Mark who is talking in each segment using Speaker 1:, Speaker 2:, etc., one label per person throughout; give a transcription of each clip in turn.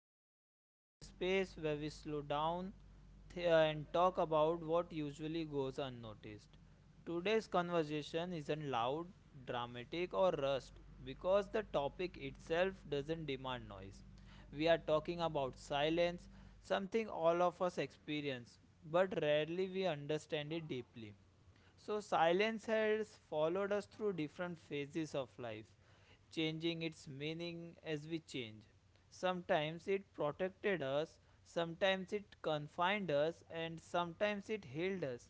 Speaker 1: Welcome back to the space where we slow down and talk about what usually goes unnoticed. Today's conversation isn't loud, dramatic, or rushed because the topic itself doesn't demand noise. We are talking about silence, something all of us experience, but rarely we understand it deeply. So, silence has followed us through different phases of life changing its meaning as we change. Sometimes it protected us, sometimes it confined us, and sometimes it healed us.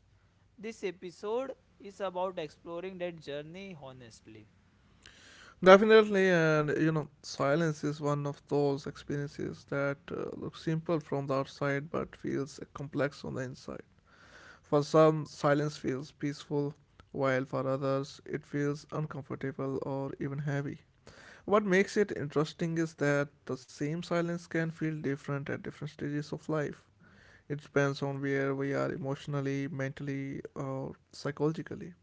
Speaker 1: This episode is about exploring that journey honestly.
Speaker 2: Definitely, silence is one of those experiences that looks simple from the outside but feels complex on the inside. For some, silence feels peaceful, while for others, it feels uncomfortable or even heavy. What makes it interesting is that the same silence can feel different at different stages of life. It depends on where we are emotionally, mentally, or psychologically.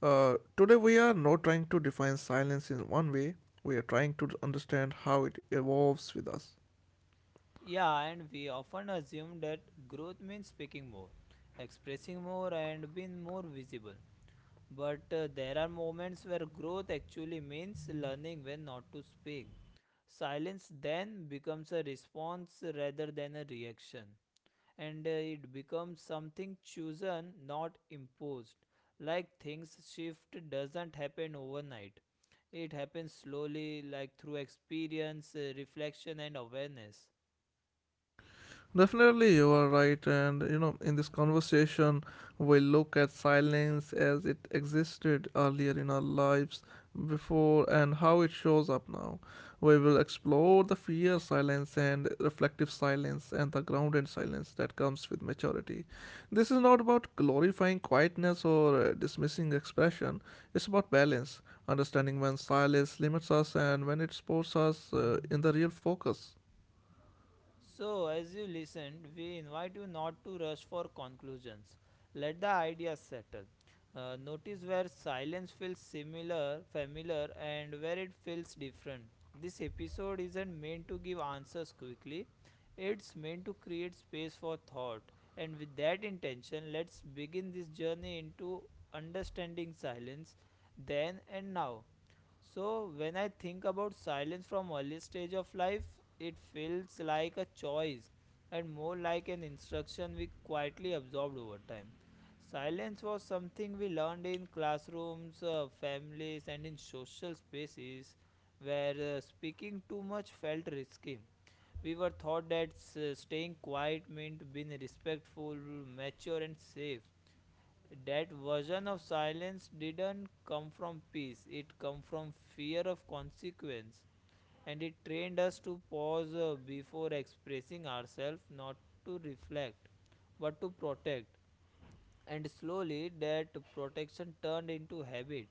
Speaker 2: Today, we are not trying to define silence in one way, we are trying to understand how it evolves with us.
Speaker 1: Yeah, and we often assume that growth means speaking more, expressing more, and being more visible. But there are moments where growth actually means learning when not to speak. Silence then becomes a response rather than a reaction, and it becomes something chosen, not imposed. Like things shift doesn't happen overnight, it happens slowly, like through experience, reflection, and awareness.
Speaker 2: Definitely, you are right. In this conversation, we look at silence as it existed earlier in our lives before and how it shows up now. We will explore the fear silence and reflective silence and the grounded silence that comes with maturity. This is not about glorifying quietness or dismissing expression, it's about balance, understanding when silence limits us and when it supports us in the real focus.
Speaker 1: So, as you listened, we invite you not to rush for conclusions. Let the ideas settle. Notice where silence feels similar, familiar, and where it feels different. This episode isn't meant to give answers quickly, it's meant to create space for thought. And with that intention, let's begin this journey into understanding silence then and now. So, when I think about silence from early stage of life, it feels like a choice and more like an instruction we quietly absorbed over time. Silence was something we learned in classrooms, families, and in social spaces where speaking too much felt risky. We were taught that staying quiet meant being respectful, mature, and safe. That version of silence didn't come from peace, it came from fear of consequence, and it trained us to pause before expressing ourselves, not to reflect but to protect. And slowly that protection turned into habit.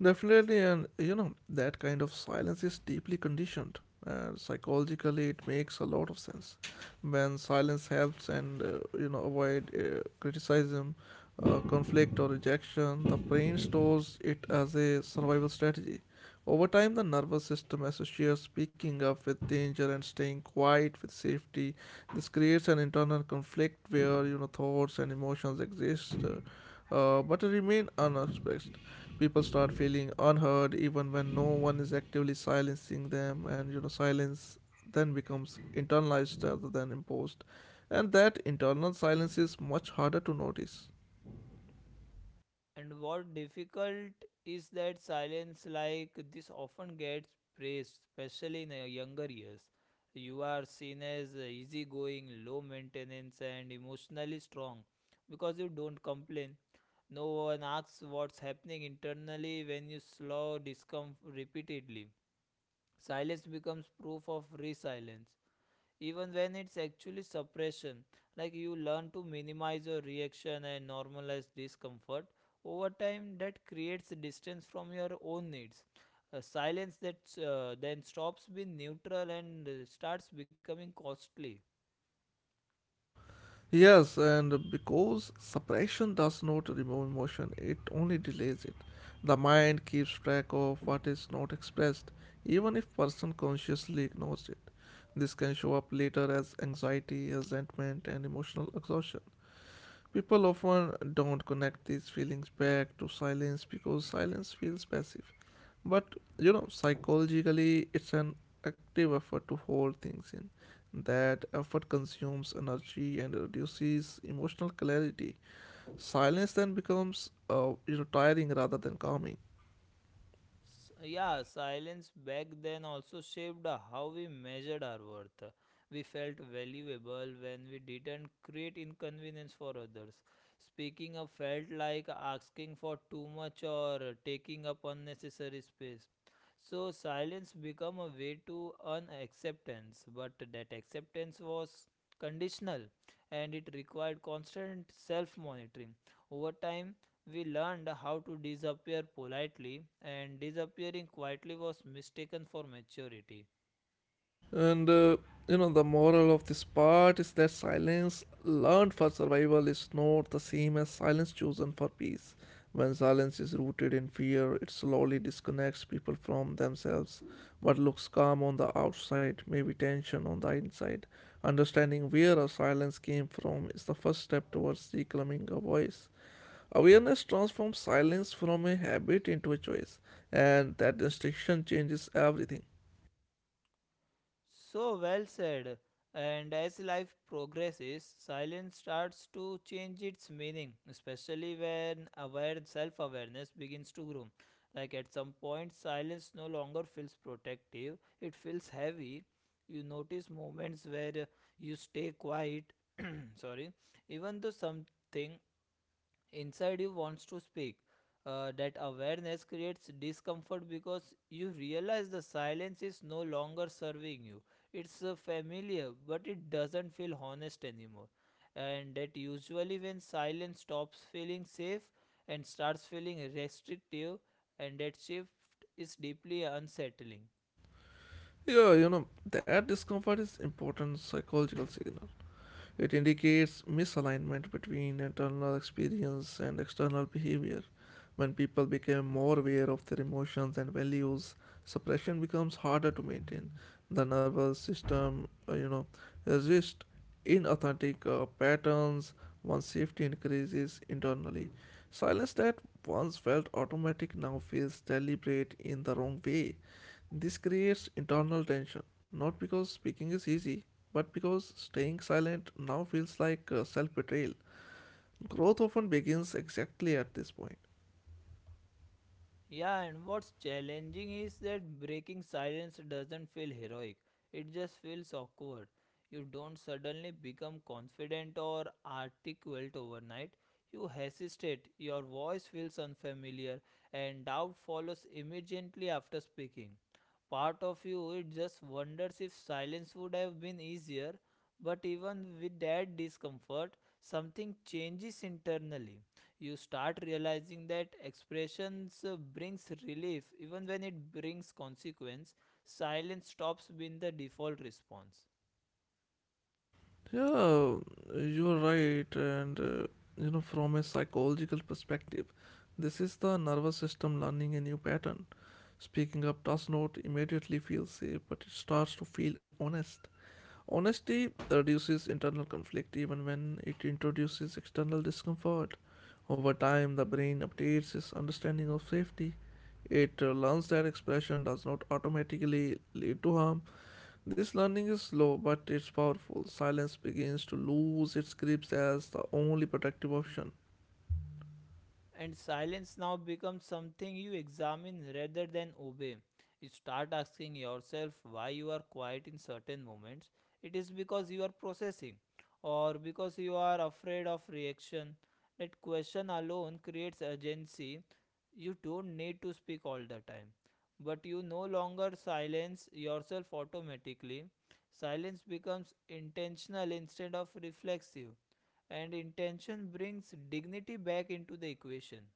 Speaker 2: Definitely, that kind of silence is deeply conditioned. And psychologically, it makes a lot of sense. When silence helps and avoid criticism, conflict or rejection, the brain stores it as a survival strategy. Over time, the nervous system associates speaking up with danger and staying quiet with safety. This creates an internal conflict where thoughts and emotions exist, but remain unexpressed. People start feeling unheard even when no one is actively silencing them, and silence then becomes internalized rather than imposed, and that internal silence is much harder to notice.
Speaker 1: And what difficult is that silence like this often gets praised, especially in the younger years. You are seen as easygoing, low maintenance, and emotionally strong because you don't complain. No one asks what's happening internally when you slow discomfort repeatedly. Silence becomes proof of resilience even when it's actually suppression. Like you learn to minimize your reaction and normalize discomfort. Over time, that creates distance from your own needs. A silence that then stops being neutral and starts becoming costly.
Speaker 2: Yes, and because suppression does not remove emotion, it only delays it. The mind keeps track of what is not expressed, even if person consciously ignores it. This can show up later as anxiety, resentment, and emotional exhaustion. People often don't connect these feelings back to silence because silence feels passive. But psychologically, it's an active effort to hold things in. That effort consumes energy and reduces emotional clarity. Silence then becomes tiring rather than calming.
Speaker 1: Yeah, silence back then also shaped how we measured our worth. We felt valuable when we didn't create inconvenience for others. Speaking up felt like asking for too much or taking up unnecessary space. So silence became a way to earn acceptance, but that acceptance was conditional and it required constant self monitoring. Over time, we learned how to disappear politely, and disappearing quietly was mistaken for maturity.
Speaker 2: And uh, the moral of this part is that silence learned for survival is not the same as silence chosen for peace. When silence is rooted in fear, it slowly disconnects people from themselves. What looks calm on the outside may be tension on the inside. Understanding where our silence came from is the first step towards reclaiming our voice. Awareness transforms silence from a habit into a choice, and that distinction changes everything.
Speaker 1: So well said. And as life progresses, silence starts to change its meaning, especially when aware self awareness begins to grow. Like at some point, silence no longer feels protective, it feels heavy. You notice moments where you stay quiet, sorry, even though something inside you wants to speak. That awareness creates discomfort because you realize the silence is no longer serving you. It's familiar, but it doesn't feel honest anymore. And that usually when silence stops feeling safe and starts feeling restrictive, and that shift is deeply unsettling.
Speaker 2: That discomfort is important psychological signal. It indicates misalignment between internal experience and external behavior. When people become more aware of their emotions and values, suppression becomes harder to maintain. The nervous system resists inauthentic patterns once safety increases internally. Silence that once felt automatic now feels deliberate in the wrong way. This creates internal tension, not because speaking is easy, but because staying silent now feels like self betrayal. Growth often begins exactly at this point.
Speaker 1: Yeah, and what's challenging is that breaking silence doesn't feel heroic, it just feels awkward. You don't suddenly become confident or articulate overnight. You hesitate, your voice feels unfamiliar, and doubt follows immediately after speaking. Part of you it just wonders if silence would have been easier, but even with that discomfort something changes internally. You start realizing that expressions brings relief even when it brings consequence. Silence stops being the default response.
Speaker 2: Yeah, you're right, from a psychological perspective, this is the nervous system learning a new pattern. Speaking up does not immediately feel safe, but it starts to feel honest. Honesty reduces internal conflict even when it introduces external discomfort. Over time, the brain updates its understanding of safety. It learns that expression does not automatically lead to harm. This learning is slow, but it's powerful. Silence begins to lose its grips as the only protective option.
Speaker 1: And silence now becomes something you examine rather than obey. You start asking yourself why you are quiet in certain moments. It is because you are processing, or because you are afraid of reaction. That question alone creates urgency. You don't need to speak all the time, but you no longer silence yourself automatically. Silence becomes intentional instead of reflexive, and intention brings dignity back into the equation.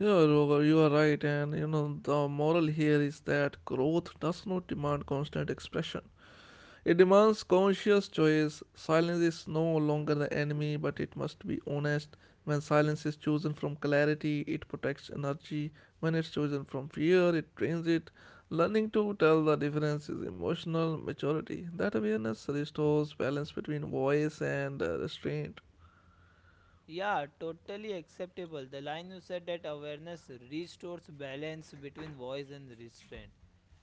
Speaker 2: Yeah, Roger, you are right, and you know the moral here is that growth does not demand constant expression. It demands conscious choice. Silence is no longer the enemy, but it must be honest. When silence is chosen from clarity, it protects energy. When it's chosen from fear, it drains it. Learning to tell the difference is emotional maturity. That awareness restores balance between voice and restraint.
Speaker 1: Yeah, totally acceptable. The line you said that awareness restores balance between voice and restraint.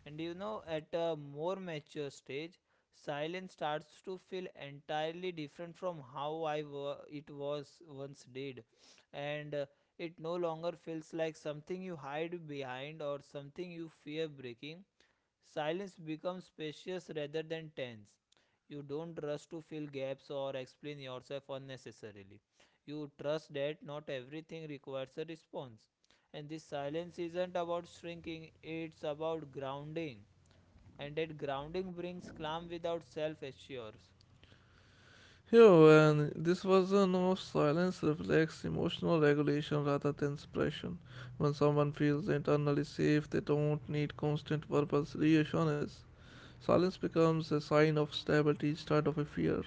Speaker 1: And you know, at a more mature stage, silence starts to feel entirely different from how it was once did. And it no longer feels like something you hide behind or something you fear breaking. Silence becomes spacious rather than tense. You don't rush to fill gaps or explain yourself unnecessarily. You trust that not everything requires a response. And this silence isn't about shrinking, it's about grounding. And that grounding brings calm without self assures.
Speaker 2: Here, and this version of silence reflects emotional regulation rather than suppression. When someone feels internally safe, they don't need constant verbal reassurance. Silence becomes a sign of stability instead of a fear.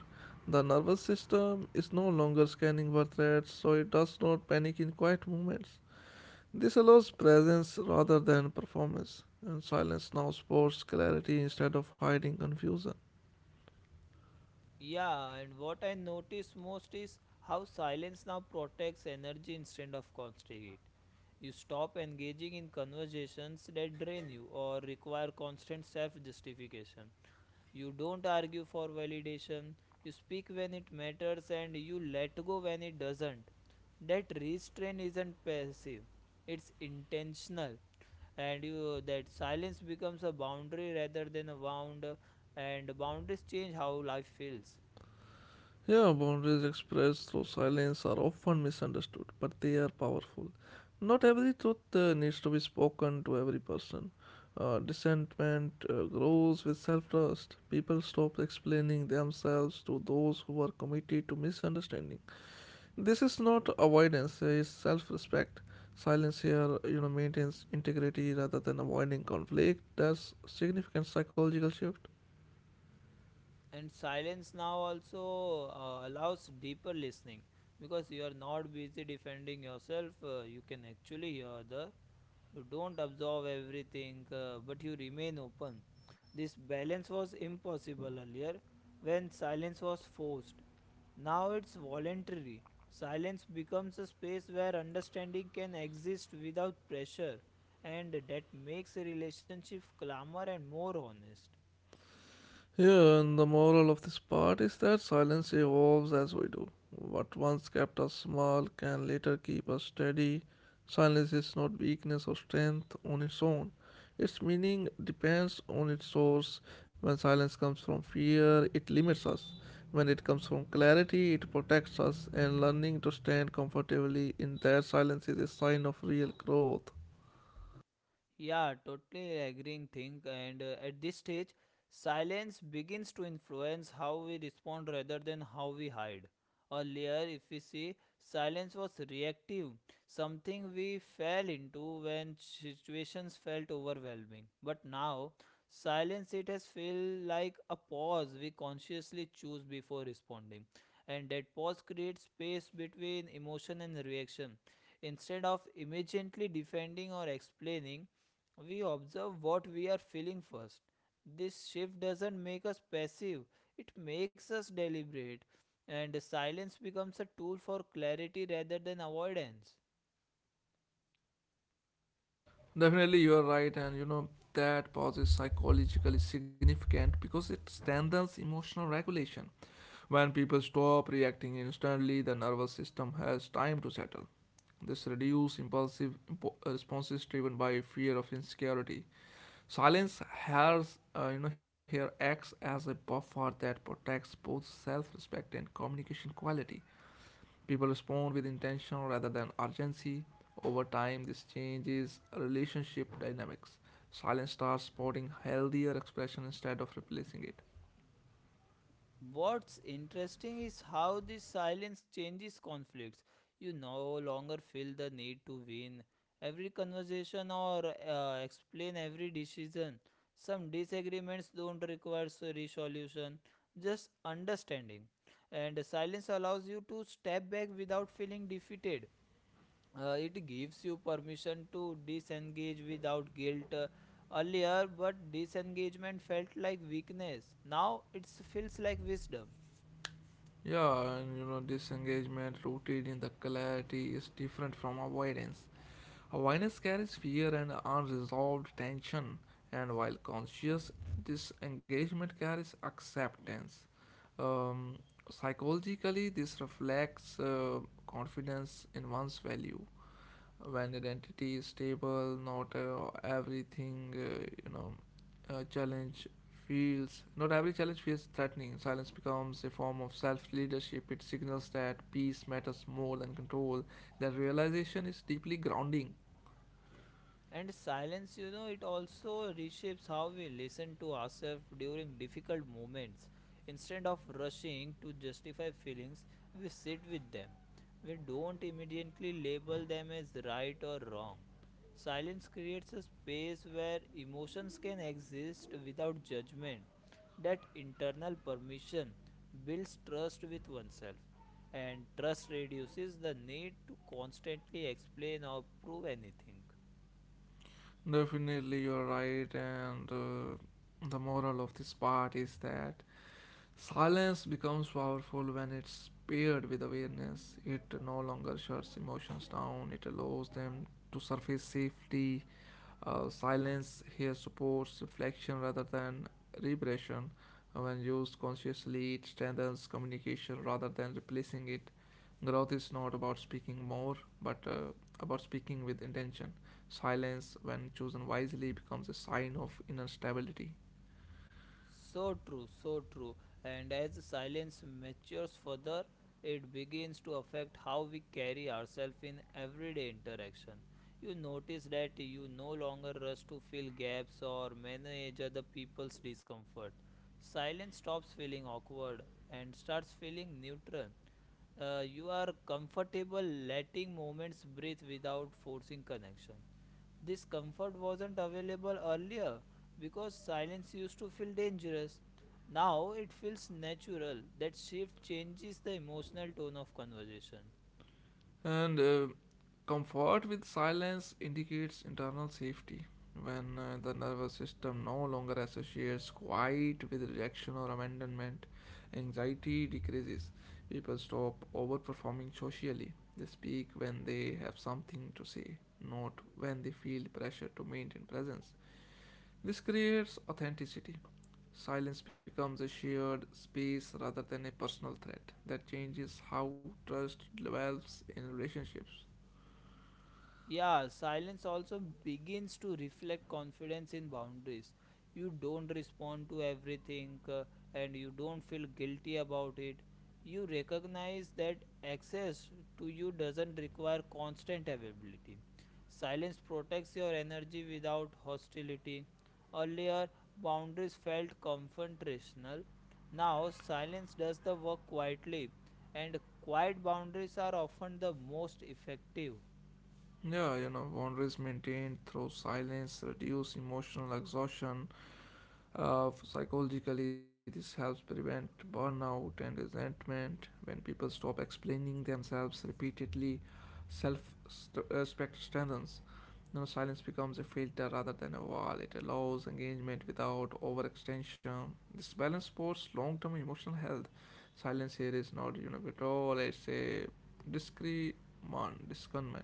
Speaker 2: The nervous system is no longer scanning for threats, so it does not panic in quiet moments. This allows presence rather than performance, and silence now supports clarity instead of hiding confusion.
Speaker 1: Yeah, and what I notice most is how silence now protects energy instead of constricting it. You stop engaging in conversations that drain you or require constant self justification. You don't argue for validation. You speak when it matters and you let go when it doesn't. That restraint isn't passive, it's intentional. And you, that silence becomes a boundary rather than a wound, and boundaries change how life feels.
Speaker 2: Yeah, boundaries expressed through silence are often misunderstood, but they are powerful. Not every truth needs to be spoken to every person. Dissentment grows with self trust. People stop explaining themselves to those who are committed to misunderstanding. This is not avoidance, it's self respect. Silence here maintains integrity rather than avoiding conflict. That's significant psychological shift.
Speaker 1: And silence now also allows deeper listening because you are not busy defending yourself. Uh, You can actually hear the, you don't absorb everything, but you remain open. This balance was impossible earlier when silence was forced. Now it's voluntary. Silence becomes a space where understanding can exist without pressure, and that makes a relationship calmer and more honest.
Speaker 2: Yeah, and the moral of this part is that silence evolves as we do. What once kept us small can later keep us steady. Silence is not weakness or strength on its own. Its meaning depends on its source. When silence comes from fear, it limits us. When it comes from clarity, it protects us, and learning to stand comfortably in that silence is a sign of real growth.
Speaker 1: Yeah, totally agreeing thing. And at this stage, silence begins to influence how we respond rather than how we hide. Earlier, if we see, silence was reactive, something we fell into when situations felt overwhelming. But now, silence it has feel like a pause we consciously choose before responding. And that pause creates space between emotion and reaction. Instead of immediately defending or explaining, we observe what we are feeling first. This shift doesn't make us passive, it makes us deliberate, and silence becomes a tool for clarity rather than avoidance.
Speaker 2: Definitely, you are right, and you know that pause is psychologically significant because it strengthens emotional regulation. When people stop reacting instantly, the nervous system has time to settle. This reduces impulsive responses driven by fear of insecurity. Silence here acts as a buffer that protects both self-respect and communication quality. People respond with intention rather than urgency. Over time, this changes relationship dynamics. Silence starts supporting healthier expression instead of replacing it.
Speaker 1: What's interesting is how this silence changes conflicts. You no longer feel the need to win every conversation or explain every decision. Some disagreements don't require resolution, just understanding. And silence allows you to step back without feeling defeated. It gives you permission to disengage without guilt. Earlier, but disengagement felt like weakness. Now it feels like wisdom.
Speaker 2: Disengagement rooted in the clarity is different from avoidance. Avoidance carries fear and unresolved tension, and while conscious disengagement carries acceptance. Um, Psychologically, this reflects confidence in one's value. When identity is stable, not everything you know challenge feels not every challenge feels threatening. Silence becomes a form of self leadership. It signals that peace matters more than control. That realization is deeply grounding.
Speaker 1: And silence, you know, it also reshapes how we listen to ourselves during difficult moments. Instead of rushing to justify feelings, we sit with them. We don't immediately label them as right or wrong. Silence creates a space where emotions can exist without judgment. That internal permission builds trust with oneself, and trust reduces the need to constantly explain or prove anything.
Speaker 2: Definitely you're right, and the moral of this part is that silence becomes powerful when it's paired with awareness. It no longer shuts emotions down, it allows them to surface safely. Silence here supports reflection rather than repression. When used consciously, it strengthens communication rather than replacing it. Growth is not about speaking more, but about speaking with intention. Silence, when chosen wisely, becomes a sign of inner stability.
Speaker 1: So true, so true. And as silence matures further, it begins to affect how we carry ourselves in everyday interaction. You notice that you no longer rush to fill gaps or manage other people's discomfort. Silence stops feeling awkward and starts feeling neutral. You are comfortable letting moments breathe without forcing connection. This comfort wasn't available earlier because silence used to feel dangerous. Now it feels natural. That shift changes the emotional tone of conversation.
Speaker 2: And comfort with silence indicates internal safety. When the nervous system no longer associates quiet with rejection or abandonment, anxiety decreases. People stop overperforming socially. They speak when they have something to say, not when they feel pressure to maintain presence. This creates authenticity. Silence becomes a shared space rather than a personal threat that changes how trust develops in relationships.
Speaker 1: Yeah, silence also begins to reflect confidence in boundaries. You don't respond to everything, and you don't feel guilty about it. You recognize that access to you doesn't require constant availability. Silence protects your energy without hostility. Earlier, boundaries felt confrontational. Now, silence does the work quietly, and quiet boundaries are often the most effective.
Speaker 2: Boundaries maintained through silence reduce emotional exhaustion. Psychologically, this helps prevent burnout and resentment. When people stop explaining themselves repeatedly, self respect strengthens. Silence becomes a filter rather than a wall. It allows engagement without overextension. This balance supports long term emotional health. Silence here is not withdrawal, it's a discernment.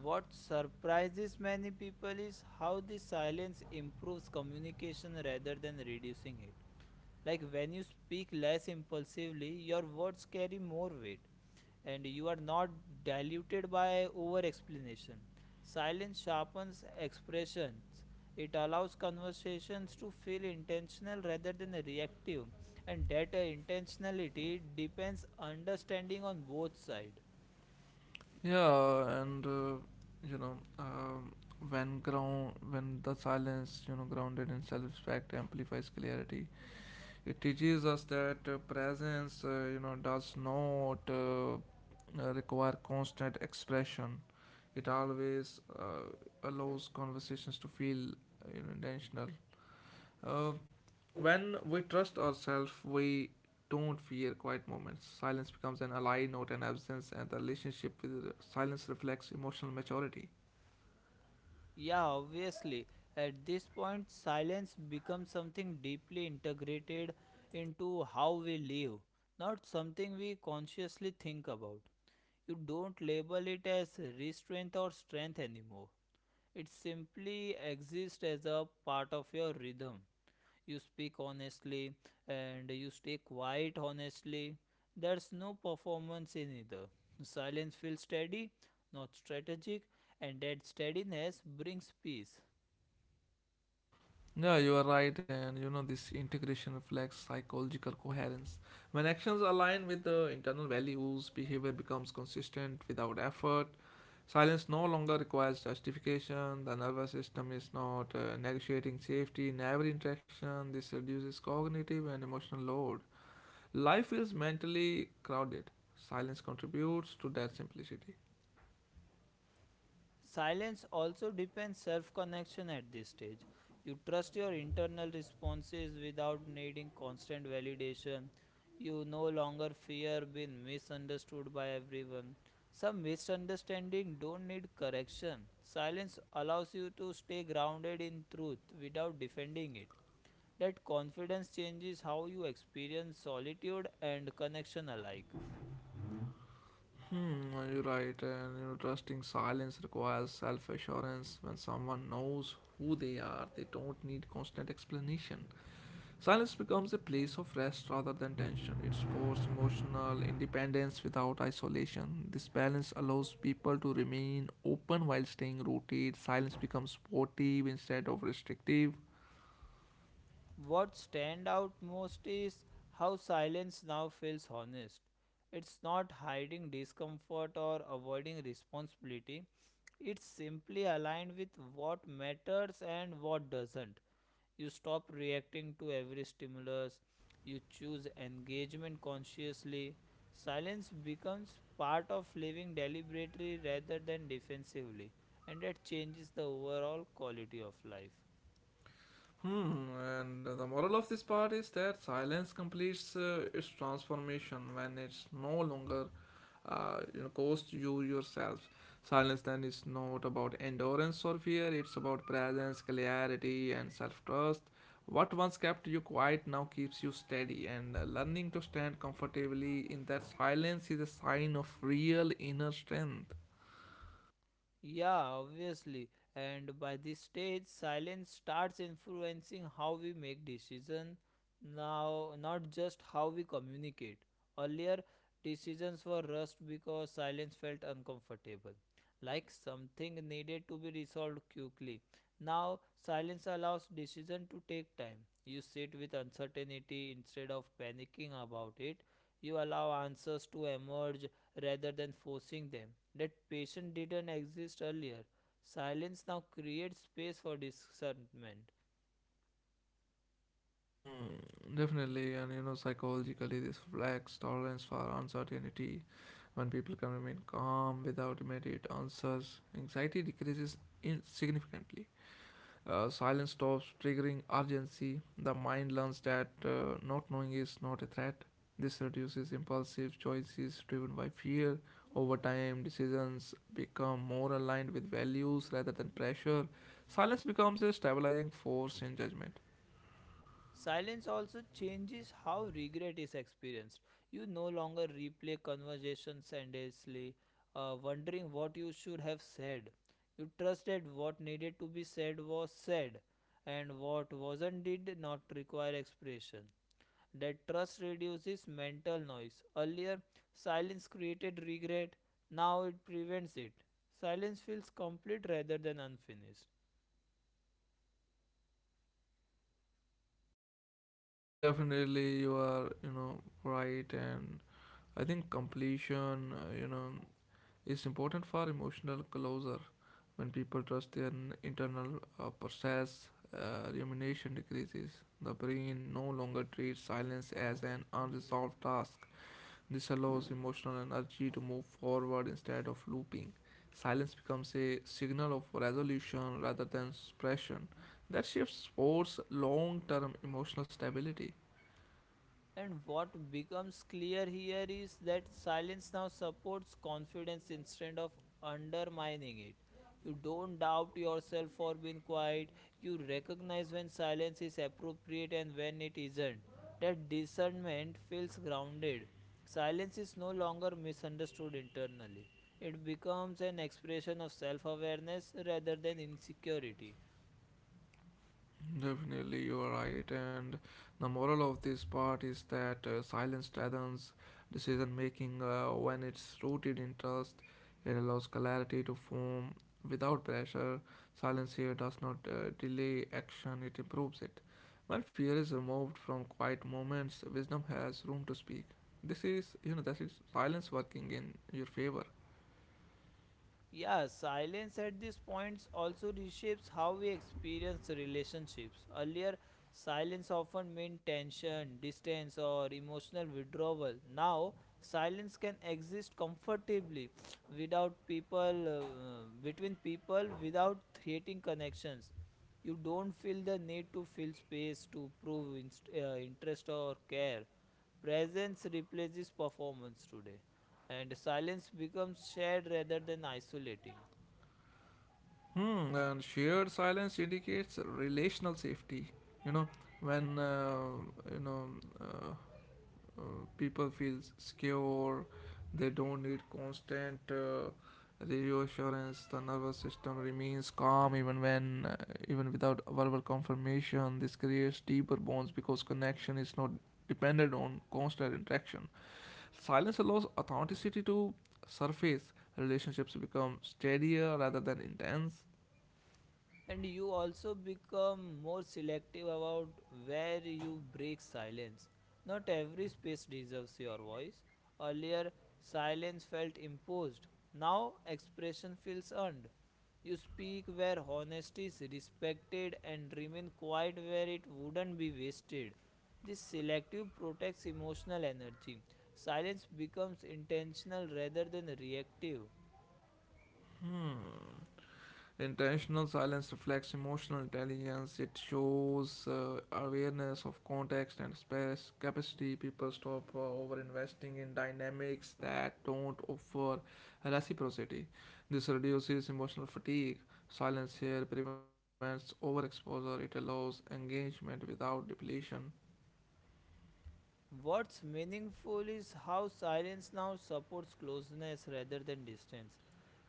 Speaker 1: What surprises many people is how the silence improves communication rather than reducing it. Like when you speak less impulsively, your words carry more weight and you are not diluted by over explanation. Silence sharpens expressions. It allows conversations to feel intentional rather than reactive, and that intentionality depends understanding on both sides.
Speaker 2: Yeah, and you know, when ground when the silence grounded in self-respect amplifies clarity. It teaches us that presence, you know, does not require constant expression. It always allows conversations to feel, intentional. Uh, when we trust ourselves, we don't fear quiet moments. Silence becomes an ally, not an absence, and the relationship with silence reflects emotional maturity.
Speaker 1: Yeah, obviously. At this point, silence becomes something deeply integrated into how we live, not something we consciously think about. You don't label it as restraint or strength anymore. It simply exists as a part of your rhythm. You speak honestly and you stay quiet honestly. There's no performance in either. Silence feels steady, not strategic, and that steadiness brings peace.
Speaker 2: Yeah, you are right, and you know, this integration reflects psychological coherence. When actions align with the internal values, behavior becomes consistent without effort. Silence no longer requires justification. The nervous system is not negotiating safety in every interaction. This reduces cognitive and emotional load. Life is mentally crowded. Silence contributes to that simplicity.
Speaker 1: Silence also depends self connection at this stage. You trust your internal responses without needing constant validation. You no longer fear being misunderstood by everyone. Some misunderstanding don't need correction. Silence allows you to stay grounded in truth without defending it. That confidence changes how you experience solitude and connection alike.
Speaker 2: Hmm, well, you're right, and you know, trusting silence requires self assurance. When someone knows who they are, they don't need constant explanation. Silence becomes a place of rest rather than tension. It supports emotional independence without isolation. This balance allows people to remain open while staying rooted. Silence becomes supportive instead of restrictive.
Speaker 1: What stand out most is how silence now feels honest. It's not hiding discomfort or avoiding responsibility. It's simply aligned with what matters and what doesn't. You stop reacting to every stimulus. You choose engagement consciously. Silence becomes part of living deliberately rather than defensively, and that changes the overall quality of life.
Speaker 2: Hmm, and the moral of this part is that silence completes its transformation when it's no longer, cost you yourself. Silence then is not about endurance or fear; it's about presence, clarity, and self-trust. What once kept you quiet now keeps you steady, and learning to stand comfortably in that silence is a sign of real inner strength.
Speaker 1: Yeah, obviously. And by this stage, silence starts influencing how we make decisions now, not just how we communicate. Earlier, decisions were rushed because silence felt uncomfortable, like something needed to be resolved quickly. Now, silence allows decision to take time. You sit with uncertainty instead of panicking about it. You allow answers to emerge rather than forcing them. That patience didn't exist earlier. Silence now creates space for discernment.
Speaker 2: Hmm, definitely, and you know, psychologically, this reflects tolerance for uncertainty. When people can remain calm without immediate answers, anxiety decreases significantly. Silence stops triggering urgency. The mind learns that not knowing is not a threat. This reduces impulsive choices driven by fear. Over time, decisions become more aligned with values rather than pressure. Silence becomes a stabilizing force in judgment.
Speaker 1: Silence also changes how regret is experienced. You no longer replay conversations endlessly, wondering what you should have said. You trust that what needed to be said was said, and what wasn't did not require expression. That trust reduces mental noise. Earlier, silence created regret, now it prevents it. Silence feels complete rather than unfinished.
Speaker 2: Definitely, you are, right, and I think completion, is important for emotional closure. When people trust their internal process, rumination decreases. The brain no longer treats silence as an unresolved task. This allows emotional energy to move forward instead of looping. Silence becomes a signal of resolution rather than suppression. That shifts towards long term emotional stability.
Speaker 1: And what becomes clear here is that silence now supports confidence instead of undermining it. You don't doubt yourself for being quiet, you recognize when silence is appropriate and when it isn't. That discernment feels grounded. Silence is no longer misunderstood internally. It becomes an expression of self awareness rather than insecurity.
Speaker 2: Definitely, you are right. And the moral of this part is that silence strengthens decision making when it's rooted in trust. It allows clarity to form without pressure. Silence here does not delay action, it improves it. When fear is removed from quiet moments, wisdom has room to speak. This is, you know, that is silence working in your favor.
Speaker 1: Yeah, silence at these points also reshapes how we experience relationships. Earlier, silence often meant tension, distance, or emotional withdrawal. Now, silence can exist comfortably without people, between people, without creating connections. You don't feel the need to fill space to prove interest or care. Presence replaces performance today, and silence becomes shared rather than isolating.
Speaker 2: Hmm, and shared silence indicates relational safety. You know, when you know uh, uh, People feel secure, they don't need constant reassurance. The nervous system remains calm even even without verbal confirmation. This creates deeper bonds because connection is not dependent on constant interaction. Silence allows authenticity to surface. Relationships become steadier rather than intense.
Speaker 1: And you also become more selective about where you break silence. Not every space deserves your voice. Earlier, silence felt imposed, now expression feels earned. You speak where honesty is respected and remain quiet where it wouldn't be wasted. This selective protects emotional energy. Silence becomes intentional rather than reactive.
Speaker 2: Intentional silence reflects emotional intelligence. It shows awareness of context and space capacity. People stop over investing in dynamics that don't offer reciprocity. This reduces emotional fatigue. Silence here prevents overexposure. It allows engagement without depletion.
Speaker 1: What's meaningful is how silence now supports closeness rather than distance.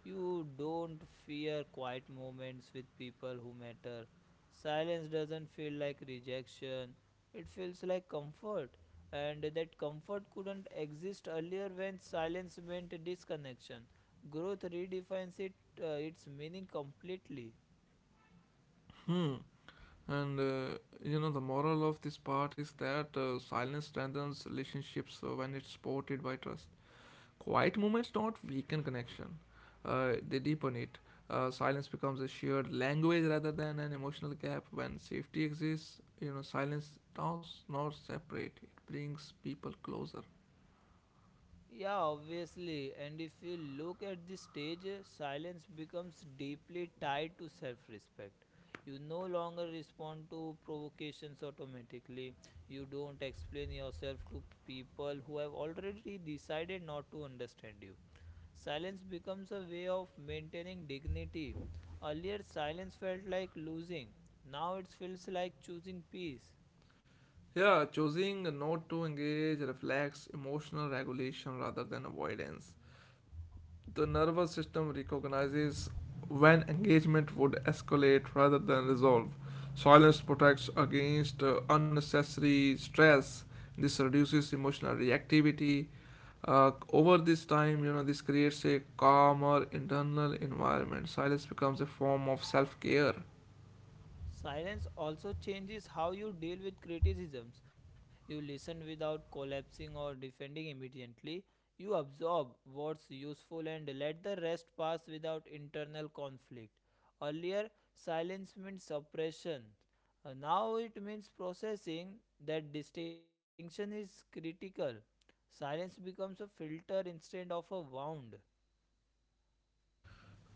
Speaker 1: You don't fear quiet moments with people who matter. Silence doesn't feel like rejection, it feels like comfort. And that comfort couldn't exist earlier when silence meant disconnection. Growth redefines it, its meaning completely.
Speaker 2: Hmm. And the moral of this part is that silence strengthens relationships when it's supported by trust. Quiet moments don't weaken connection, they deepen it. Silence becomes a shared language rather than an emotional gap. When safety exists, silence does not separate, it brings people closer.
Speaker 1: Yeah, obviously. And if you look at the stage, silence becomes deeply tied to self respect. You no longer respond to provocations automatically. You don't explain yourself to people who have already decided not to understand you. Silence becomes a way of maintaining dignity. Earlier, silence felt like losing. Now it feels like choosing peace.
Speaker 2: Yeah, choosing not to engage reflects emotional regulation rather than avoidance. The nervous system recognizes when engagement would escalate rather than resolve. Silence protects against unnecessary stress. This reduces emotional reactivity. Over this time, this creates a calmer internal environment. Silence becomes a form of self care.
Speaker 1: Silence also changes how you deal with criticisms. You listen without collapsing or defending immediately. You absorb what's useful and let the rest pass without internal conflict. Earlier, silence meant suppression. Now it means processing. That distinction is critical. Silence becomes a filter instead of a wound.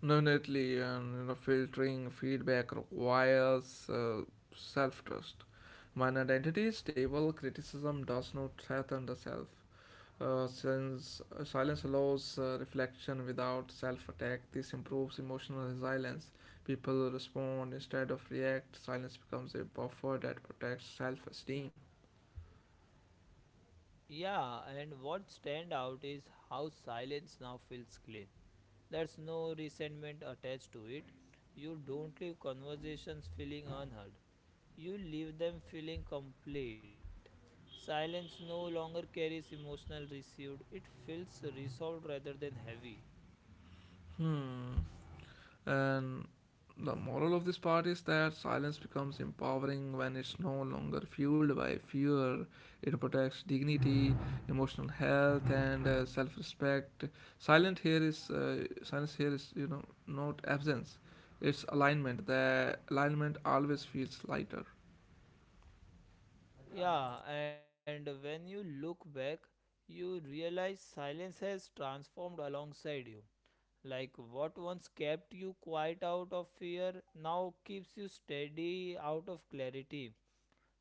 Speaker 2: Definitely, and filtering feedback requires self trust. When identity is stable, criticism does not threaten the self. Since silence allows reflection without self attack, this improves emotional resilience. People respond instead of react. Silence becomes a buffer that protects self esteem.
Speaker 1: Yeah, and what stand out is how silence now feels clean. There's no resentment attached to it. You don't leave conversations feeling unheard. You leave them feeling complete. Silence no longer carries emotional residue. It feels resolved rather than heavy.
Speaker 2: Hmm. And the moral of this part is that silence becomes empowering when it's no longer fueled by fear. It protects dignity, emotional health, and self-respect. Silent here is silence here is, you know, not absence. It's alignment. The alignment always feels lighter.
Speaker 1: Yeah, and when you look back, you realize silence has transformed alongside you. Like what once kept you quiet out of fear now keeps you steady out of clarity.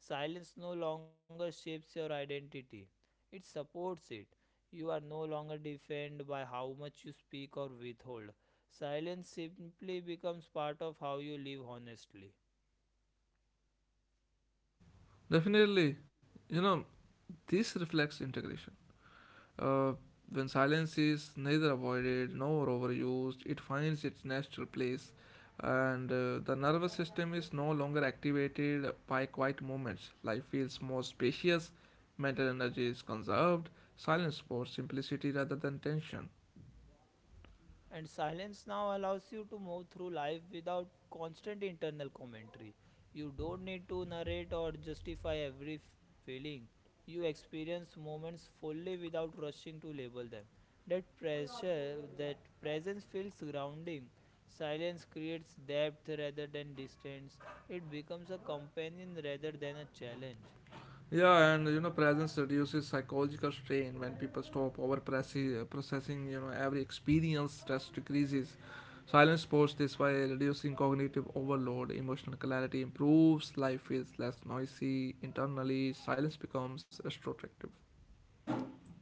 Speaker 1: Silence no longer shapes your identity, it supports it. You are no longer defined by how much you speak or withhold. Silence simply becomes part of how you live honestly.
Speaker 2: Definitely, you know this reflects integration. Uh, when silence is neither avoided nor overused, it finds its natural place, and the nervous system is no longer activated by quiet moments. Life feels more spacious, mental energy is conserved, silence supports simplicity rather than tension.
Speaker 1: And silence now allows you to move through life without constant internal commentary. You don't need to narrate or justify every feeling. You experience moments fully without rushing to label them. That pressure, that presence feels grounding. Silence creates depth rather than distance. It becomes a companion rather than a challenge.
Speaker 2: Yeah, and presence reduces psychological strain when people stop over processing, every experience, stress decreases. Silence supports this by reducing cognitive overload, emotional clarity improves, life is less noisy internally, silence becomes restorative.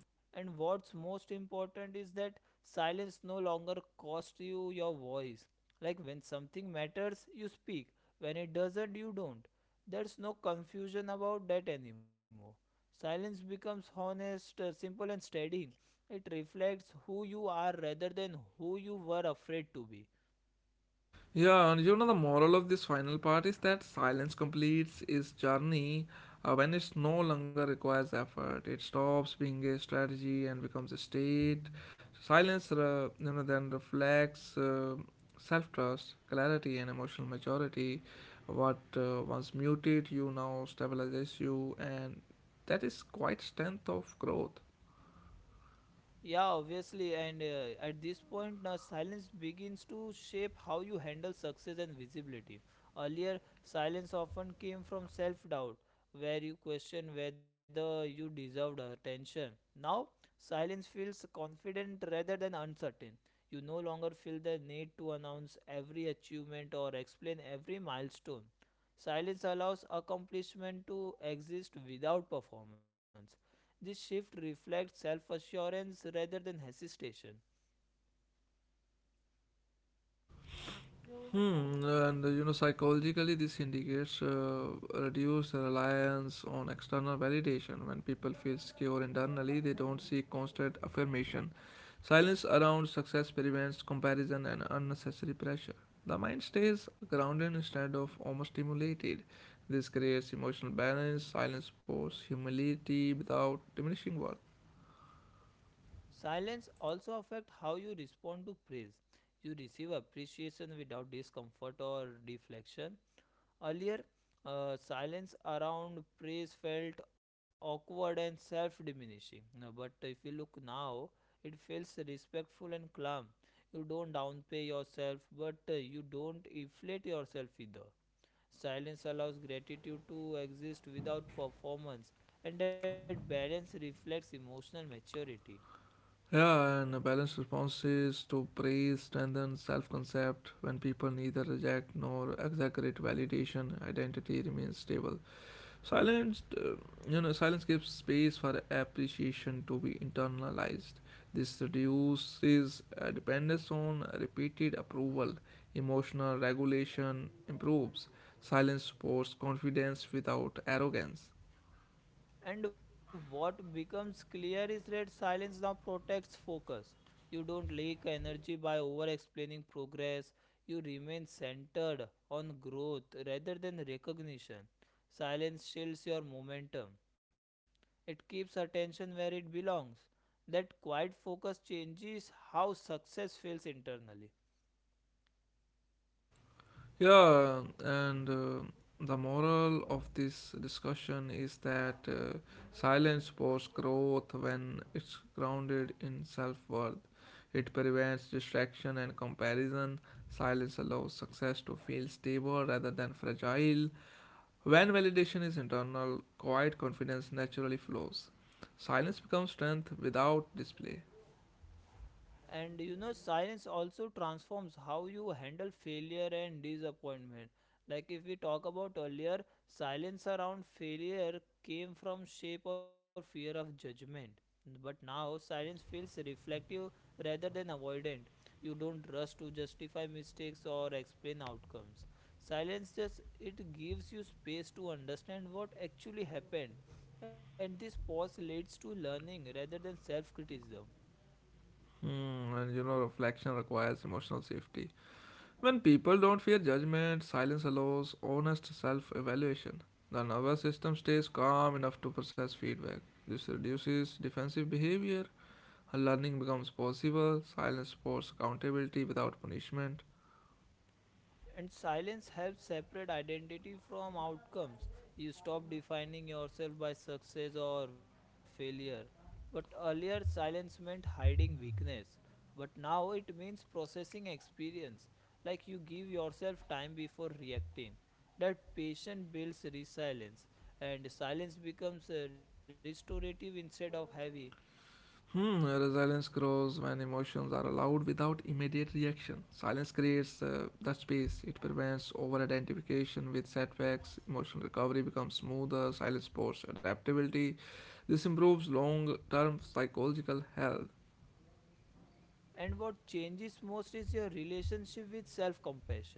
Speaker 1: And what's most important is that silence no longer costs you your voice. Like when something matters, you speak. When it doesn't, you don't. There's no confusion about that anymore. Silence becomes honest, simple, and steady. It reflects who you are rather than who you were afraid to be.
Speaker 2: Yeah, and the moral of this final part is that silence completes its journey when it no longer requires effort. It stops being a strategy and becomes a state. Silence then reflects self trust, clarity, and emotional maturity. What once muted you now stabilizes you, and that is quite strength of growth.
Speaker 1: Yeah, obviously, and at this point, now silence begins to shape how you handle success and visibility. Earlier, silence often came from self doubt, where you question whether you deserved attention. Now, silence feels confident rather than uncertain. You no longer feel the need to announce every achievement or explain every milestone. Silence allows accomplishment to exist without performance. This shift reflects self-assurance rather than hesitation.
Speaker 2: Hmm, and psychologically, this indicates reduced reliance on external validation. When people feel secure internally, they don't seek constant affirmation. Silence around success prevents comparison and unnecessary pressure. The mind stays grounded instead of overstimulated. This creates emotional balance. Silence supports humility without diminishing worth.
Speaker 1: Silence also affects how you respond to praise. You receive appreciation without discomfort or deflection. Earlier, silence around praise felt awkward and self-diminishing. Now, but if you look now, it feels respectful and calm. You don't downplay yourself, but you don't inflate yourself either. Silence allows gratitude to exist without performance, and that balance reflects emotional maturity.
Speaker 2: Yeah, and a balanced response is to praise strengthens self concept. When people neither reject nor exaggerate validation, identity remains stable. Silence, uh, Silence gives space for appreciation to be internalized. This reduces dependence on repeated approval. Emotional regulation improves. Silence supports confidence without arrogance.
Speaker 1: And what becomes clear is that silence now protects focus. You don't leak energy by over explaining progress, you remain centered on growth rather than recognition. Silence shields your momentum, it keeps attention where it belongs. That quiet focus changes how success feels internally.
Speaker 2: Yeah, and the moral of this discussion is that silence supports growth when it's grounded in self worth. It prevents distraction and comparison. Silence allows success to feel stable rather than fragile. When validation is internal, quiet confidence naturally flows. Silence becomes strength without display.
Speaker 1: And you know, silence also transforms how you handle failure and disappointment. Like if we talk about earlier, silence around failure came from shape or fear of judgment. But now silence feels reflective rather than avoidant. You don't rush to justify mistakes or explain outcomes. Silence just it gives you space to understand what actually happened. And this pause leads to learning rather than self criticism.
Speaker 2: Hmm, and reflection requires emotional safety. When people don't fear judgment, silence allows honest self evaluation. The nervous system stays calm enough to process feedback. This reduces defensive behavior. Learning becomes possible. Silence supports accountability without punishment.
Speaker 1: And silence helps separate identity from outcomes. You stop defining yourself by success or failure. But earlier, silence meant hiding weakness. But now it means processing experience. Like you give yourself time before reacting. That patience builds resilience, and silence becomes restorative instead of heavy.
Speaker 2: Hmm, resilience grows when emotions are allowed without immediate reaction. Silence creates that space. It prevents over identification with setbacks. Emotional recovery becomes smoother. Silence supports adaptability. This improves long term psychological health.
Speaker 1: And what changes most is your relationship with self compassion.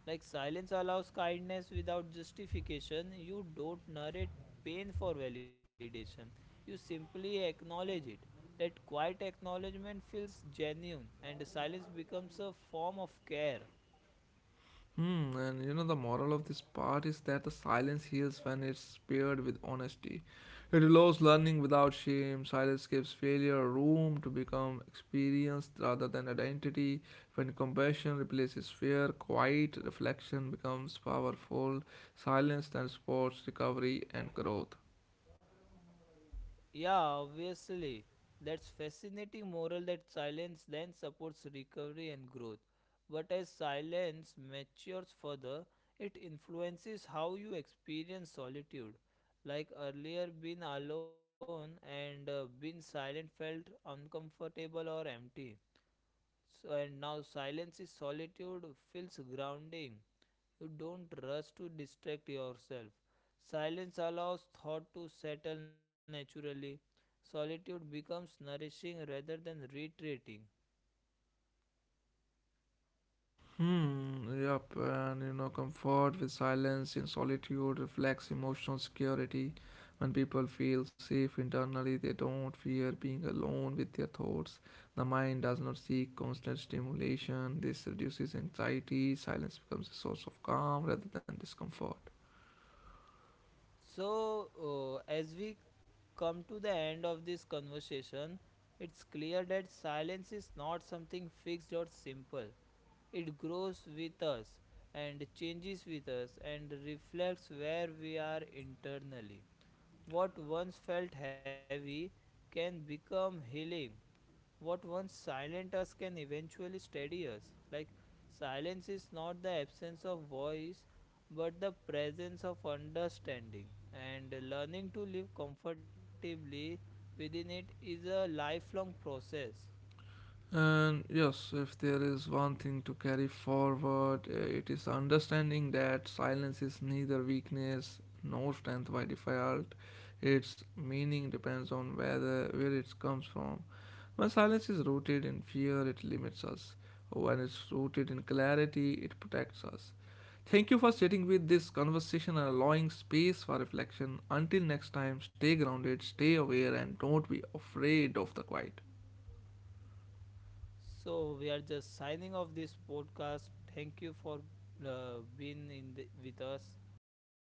Speaker 1: Like silence allows kindness without justification, you don't narrate pain for validation. You simply acknowledge it. That quiet acknowledgement feels genuine, and silence becomes a form of care.
Speaker 2: Hmm, and the moral of this part is that the silence heals when it's paired with honesty. It allows learning without shame. Silence gives failure room to become experienced rather than identity. When compassion replaces fear, quiet reflection becomes powerful. Silence then supports recovery and growth.
Speaker 1: Yeah, obviously. That's fascinating moral that silence then supports recovery and growth. But as silence matures further, it influences how you experience solitude. Like earlier, being alone and being silent felt uncomfortable or empty. So, and now silence is solitude feels grounding. You don't rush to distract yourself. Silence allows thought to settle naturally. Solitude becomes nourishing rather than retreating.
Speaker 2: Hmm, yep, and comfort with silence in solitude reflects emotional security. When people feel safe internally, they don't fear being alone with their thoughts. The mind does not seek constant stimulation. This reduces anxiety. Silence becomes a source of calm rather than discomfort.
Speaker 1: So, as we come to the end of this conversation, it's clear that silence is not something fixed or simple. It grows with us and changes with us and reflects where we are internally. What once felt heavy can become healing. What once silenced us can eventually steady us. Like silence is not the absence of voice, but the presence of understanding. And learning to live comfortably within it is a lifelong process.
Speaker 2: And yes, if there is one thing to carry forward, it is understanding that silence is neither weakness nor strength by default. Its meaning depends on whether where it comes from. When silence is rooted in fear, it limits us. When it's rooted in clarity, it protects us. Thank you for sitting with this conversation and allowing space for reflection. Until next time, stay grounded, stay aware, and don't be afraid of the quiet.
Speaker 1: So we are just signing off this podcast. Thank you for being in the, with us.